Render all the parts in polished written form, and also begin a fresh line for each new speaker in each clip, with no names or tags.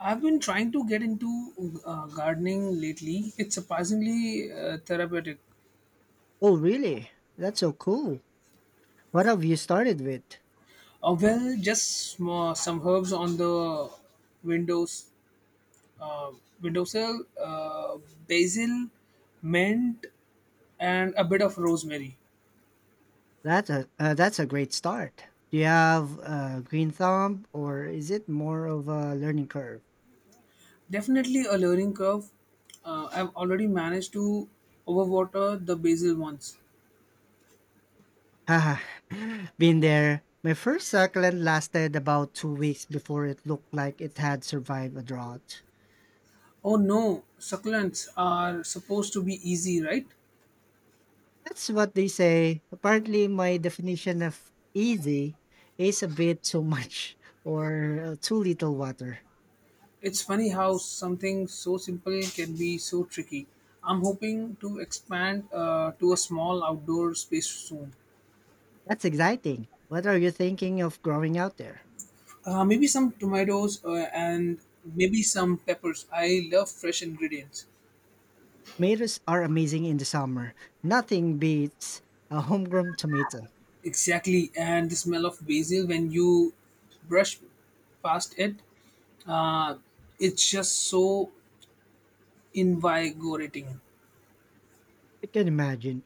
I've been trying to get into gardening lately. It's surprisingly therapeutic.
Oh, really? That's so cool. What have you started with?
Well, just small, some herbs on the windows, uh, windowsill, basil, mint, and a bit of rosemary.
That's a great start. Do you have a green thumb, or is it more of a learning curve?
Definitely a learning curve. I've already managed to overwater the basil once.
Haha, been there. My first succulent lasted about 2 weeks before it looked like it had survived a drought.
Oh no, succulents are supposed to be easy, right?
That's what they say. Apparently, my definition of easy is a bit too much or too little water.
It's funny how something so simple can be so tricky. I'm hoping to expand to a small outdoor space soon.
That's exciting. What are you thinking of growing out there?
Maybe some tomatoes and maybe some peppers. I love fresh ingredients.
Tomatoes are amazing in the summer. Nothing beats a homegrown tomato.
Exactly, and the smell of basil when you brush past it, uh, it's just so invigorating.
I can imagine.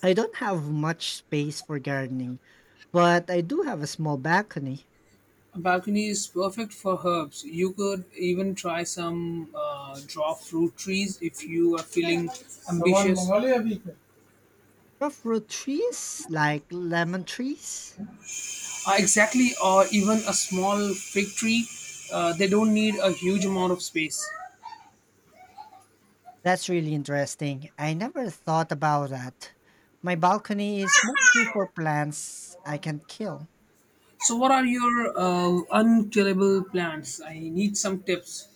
I don't have much space for gardening, but I do have a small balcony.
A balcony is perfect for herbs. You could even try some draw fruit trees if you are feeling सामान ambitious. मंगा ले अभी पे
Rough root trees like lemon trees.
Exactly, or even a small fig tree. They don't need a huge amount of space.
That's really interesting. I never thought about that. My balcony is mostly for plants I can kill.
So, what are your unkillable plants? I need some tips.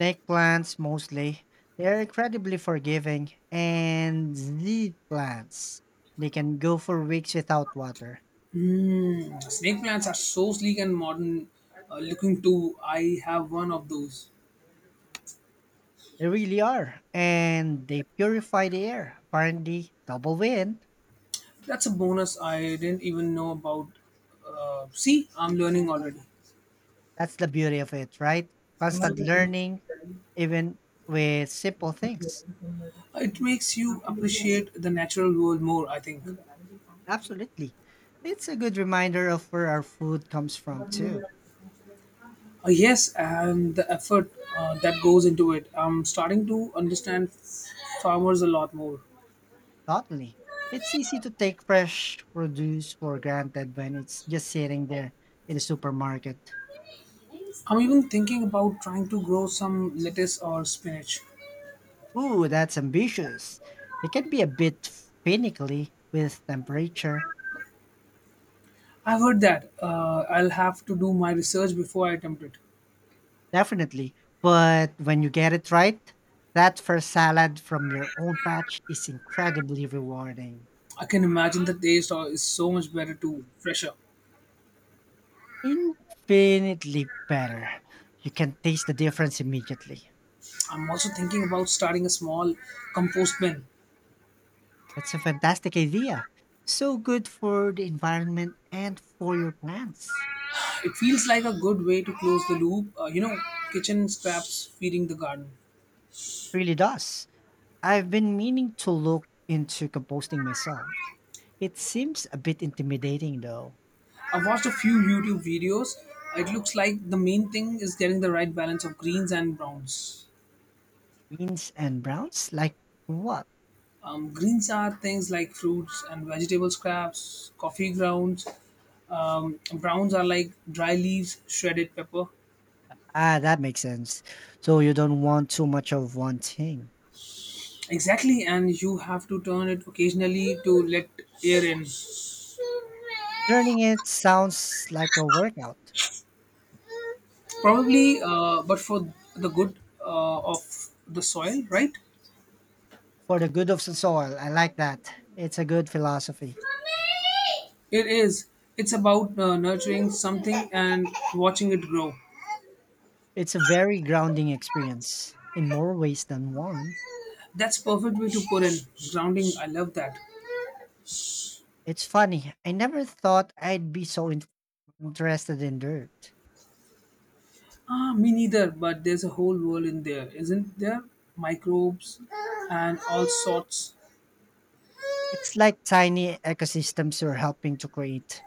Snake plants mostly. They're incredibly forgiving. And the plants. They can go for weeks without water.
Hmm, snake plants are so sleek and modern looking too. I have one of those.
They really are. And they purify the air. Apparently, double win.
That's a bonus I didn't even know about. See, I'm learning already.
That's the beauty of it, right? Constant learning, even with simple things.
It makes you appreciate the natural world more, I think.
Absolutely. It's a good reminder of where our food comes from, too.
Yes, and the effort that goes into it. I'm starting to understand farmers a lot more.
Totally. It's easy to take fresh produce for granted when it's just sitting there in the supermarket.
I'm even thinking about trying to grow some lettuce or spinach.
Ooh, that's ambitious. It can be a bit finicky with temperature,
I've heard that. I'll have to do my research before I attempt it.
definitely. But when you get it right, that first salad from your own patch is incredibly rewarding.
I can imagine the taste is so much better too, fresher.
Infinitely better. You can taste the difference immediately.
I'm also thinking about starting a small compost bin.
That's a fantastic idea. So good for the environment and for your plants.
It feels like a good way to close the loop, you know, kitchen scraps feeding the garden.
Really does. I've been meaning to look into composting myself. It seems a bit intimidating though.
I've watched a few YouTube videos. It looks like the main thing is getting the right balance of greens and browns.
Greens and browns? Like what?
Greens are things like fruits and vegetable scraps, coffee grounds. Browns are like dry leaves, shredded pepper.
Ah, that makes sense. So you don't want too much of one thing.
Exactly, and you have to turn it occasionally to let air in.
Learning it sounds like a workout.
Probably, but for the good of the soil, right?
For the good of the soil, I like that. It's a good philosophy.
It is. It's about nurturing something and watching it grow.
It's a very grounding experience in more ways than one.
That's perfect way to put in grounding. I love that.
It's funny. I never thought I'd be so interested in dirt.
Ah, me neither. But there's a whole world in there, isn't there? Microbes and all sorts.
It's like tiny ecosystems you're helping to create.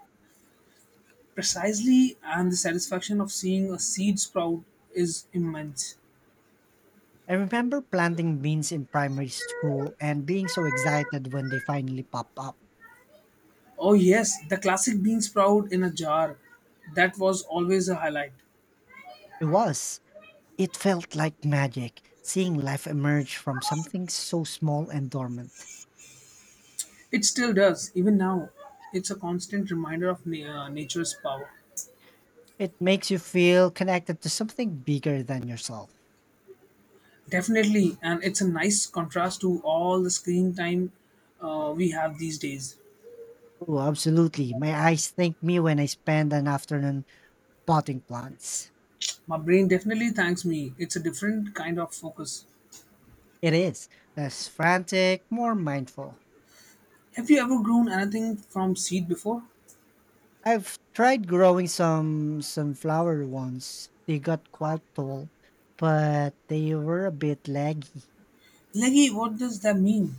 Precisely, and the satisfaction of seeing a seed sprout is immense.
I remember planting beans in primary school and being so excited when they finally pop up.
Oh yes, the classic bean sprout in a jar. That was always a highlight.
It was. It felt like magic, seeing life emerge from something so small and dormant.
It still does, even now. It's a constant reminder of nature's power.
It makes you feel connected to something bigger than yourself.
Definitely, and it's a nice contrast to all the screen time we have these days.
Oh, absolutely. My eyes thank me when I spend an afternoon potting plants.
My brain definitely thanks me. It's a different kind of focus.
It is less frantic, more mindful.
Have you ever grown anything from seed before?
I've tried growing some sunflower ones. They got quite tall, but they were a bit leggy.
Leggy, what does that mean?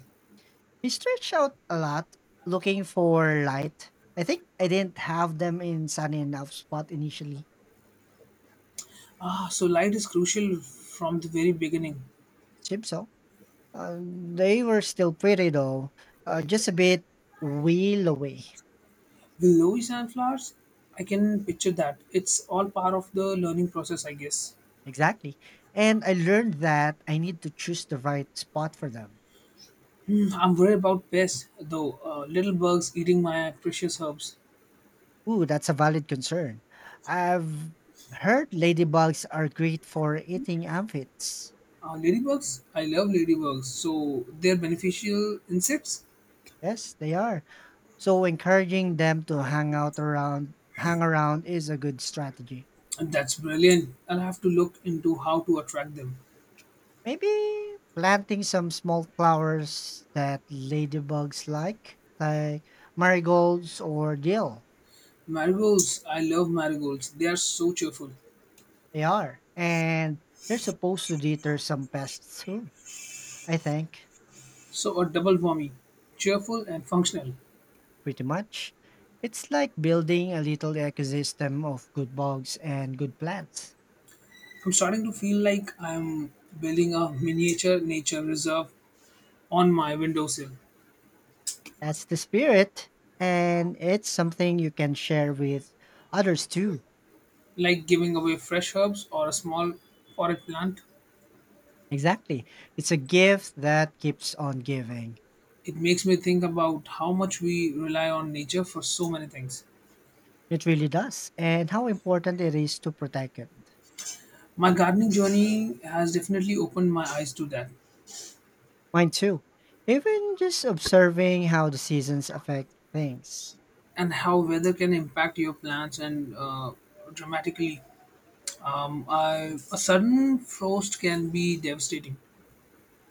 They stretch out a lot looking for light. I think I didn't have them in sunny enough spot initially.
Ah, so light is crucial from the very beginning.
Seems so. Uh, they were still pretty though, just a bit wheel away.
Willows and flowers? I can picture that. It's all part of the learning process, I guess.
Exactly. And I learned that I need to choose the right spot for them.
Hmm, I'm worried about pests, though. Little bugs eating my precious herbs.
Ooh, that's a valid concern. I've heard ladybugs are great for eating amphits.
Ladybugs, I love ladybugs. So they're beneficial insects.
Yes, they are. So encouraging them to hang out around hang around is a good strategy.
That's brilliant. I'll have to look into how to attract them.
Maybe planting some small flowers that ladybugs like marigolds or dill.
Marigolds, I love marigolds. They are so cheerful.
They are. And they're supposed to deter some pests too, I think.
So a double whammy, cheerful and functional.
Pretty much. It's like building a little ecosystem of good bugs and good plants.
I'm starting to feel like I'm building a miniature nature reserve on my windowsill,
That's the spirit. And it's something you can share with others too.
like giving away fresh herbs or a small potted plant.
Exactly. It's a gift that keeps on giving.
It makes me think about how much we rely on nature for so many things.
It really does. And how important it is to protect it.
My gardening journey has definitely opened my eyes to that
Mine too. Even just observing how the seasons affect things.
and how weather can impact your plants and dramatically. A sudden frost can be devastating.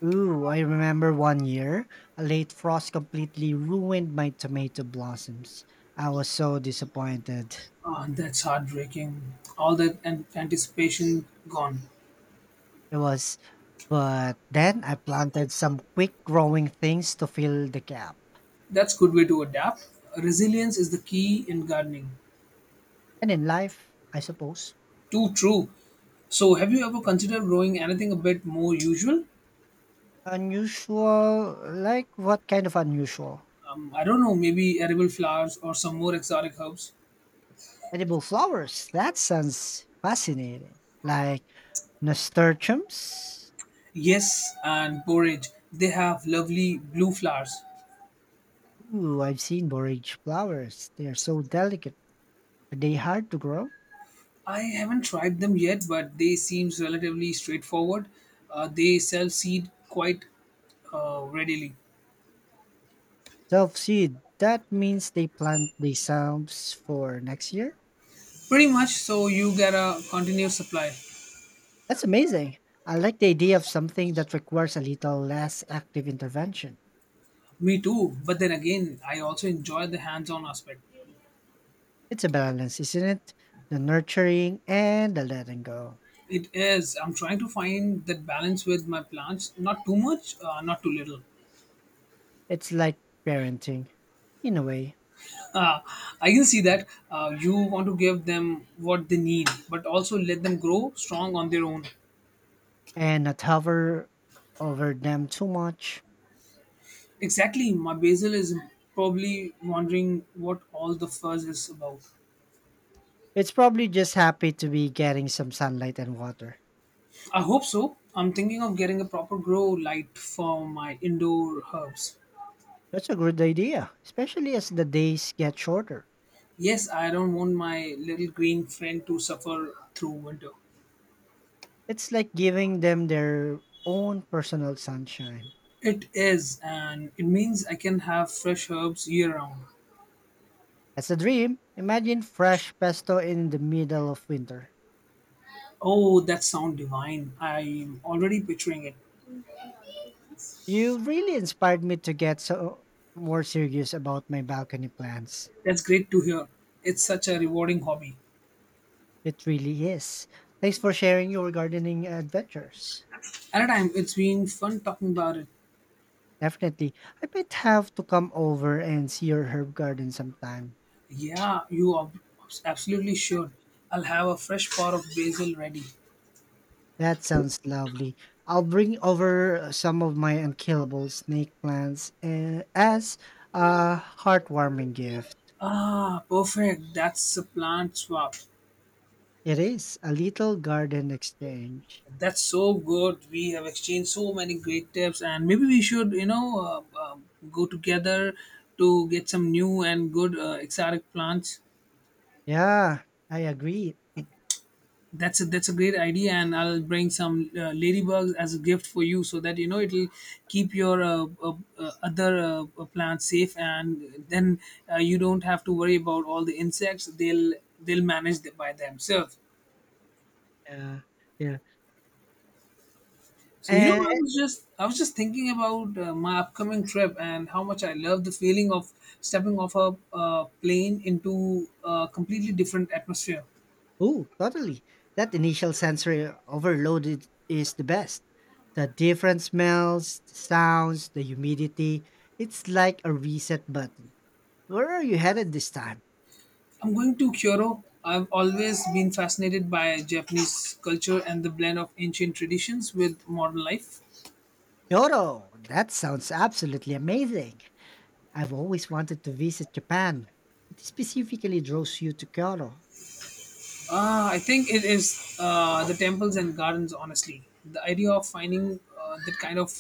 Ooh, I remember one year, a late frost completely ruined my tomato blossoms. I was so disappointed.
That's heartbreaking. All that anticipation gone.
It was, but then I planted some quick growing things to fill the gap.
That's good way to adapt. Resilience is the key in gardening.
And in life, I suppose,
Too true. So, have you ever considered growing anything a bit more usual?
unusual, like what kind of unusual?
I don't know, maybe edible flowers or some more exotic herbs.
Edible flowers. That sounds fascinating. Like nasturtiums.
Yes, and porridge. They have lovely blue flowers.
Ooh, I've seen borage flowers. They are so delicate. Are they hard to grow?
I haven't tried them yet, but they seems relatively straightforward. They sell seed quite readily.
Self-seed. That means they plant the selves for next year?
Pretty much, so you get a continuous supply.
That's amazing. I like the idea of something that requires a little less active intervention.
Me too, but then again, I also enjoy the hands-on aspect.
It's a balance, isn't it? The nurturing and the letting go.
It is. I'm trying to find that balance with my plants. Not too much, not too little.
It's like parenting, in a way,
Uh, I can see that you want to give them what they need, but also let them grow strong on their own.
and not hover over them too much.
Exactly, my basil is probably wondering what all the fuzz is about.
It's probably just happy to be getting some sunlight and water.
I hope so. I'm thinking of getting a proper grow light for my indoor herbs.
That's a good idea, especially as the days get shorter.
Yes, I don't want my little green friend to suffer through winter.
It's like giving them their own personal sunshine.
It is, and it means I can have fresh herbs year round.
That's a dream. Imagine fresh pesto in the middle of winter.
Oh, that sounds divine. I'm already picturing it.
You really inspired me to get so more serious about my balcony plans.
That's great to hear. It's such a rewarding hobby.
It really is. Thanks for sharing your gardening adventures.
At a time, it's been fun talking about it.
Definitely. I might have to come over and see your herb garden sometime.
Yeah, you are absolutely sure. I'll have a fresh pot of basil ready.
That sounds lovely. I'll bring over some of my unkillable snake plants as a heartwarming gift.
Ah, perfect. That's a plant swap.
It is a little garden exchange.
That's so good. We have exchanged so many great tips, and maybe we should, you know, go together to get some new and good exotic plants.
Yeah, I agree.
That's a great idea, and I'll bring some ladybugs as a gift for you, so that you know it'll keep your other plants safe, and then you don't have to worry about all the insects. They'll manage it by themselves.
Yeah, yeah.
So you know,
And
I was just thinking about my upcoming trip and how much I love the feeling of stepping off a plane into a completely different atmosphere.
oh, totally. That initial sensory overload it is the best. The different smells, the sounds, the humidity. It's like a reset button. Where are you headed this time?
I'm going to Kyoto. I've always been fascinated by Japanese culture and the blend of ancient traditions with modern life.
Kyoto! That sounds absolutely amazing. I've always wanted to visit Japan. What specifically draws you to Kyoto?
I think it is the temples and gardens, honestly. The idea of finding that kind of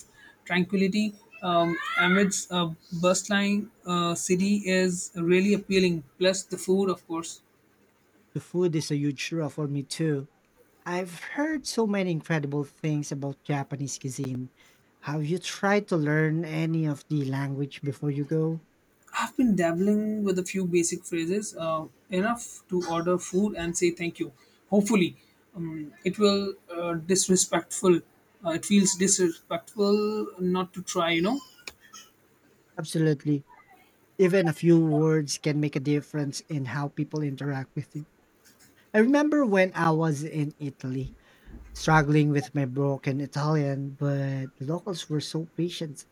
tranquility amidst a bustling city is really appealing. Plus, the food, of course.
The food is a huge draw for me too. I've heard so many incredible things about Japanese cuisine. Have you tried to learn any of the language before you go?
I've been dabbling with a few basic phrases, enough to order food and say thank you. Hopefully, it will disrespectful. It feels disrespectful not to try. You know,
Absolutely. Even a few words can make a difference in how people interact with you. I remember when I was in Italy, struggling with my broken Italian, but the locals were so patient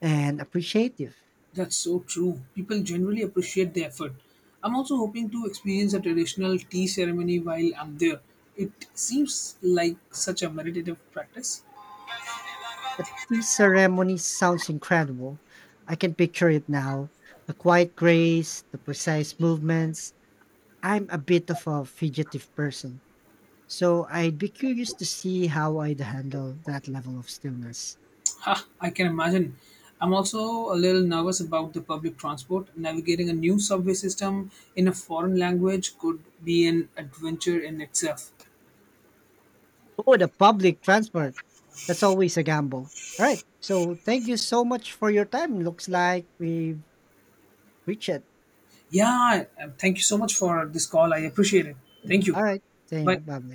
and appreciative.
that's so true. People generally appreciate the effort. I'm also hoping to experience a traditional tea ceremony while I'm there. It seems like such a meditative practice.
The tea ceremony sounds incredible. I can picture it now. The quiet grace, the precise movements. I'm a bit of a fugitive person, so I'd be curious to see how I'd handle that level of stillness.
Ha, I can imagine. I'm also a little nervous about the public transport. Navigating a new subway system in a foreign language could be an adventure in itself.
Oh, the public transport. That's always a gamble. All right. So thank you so much for your time. Looks like we've reached it.
Yeah, thank you so much for this call. I appreciate it. Thank you.
All right.
Bye.
Same. Bye.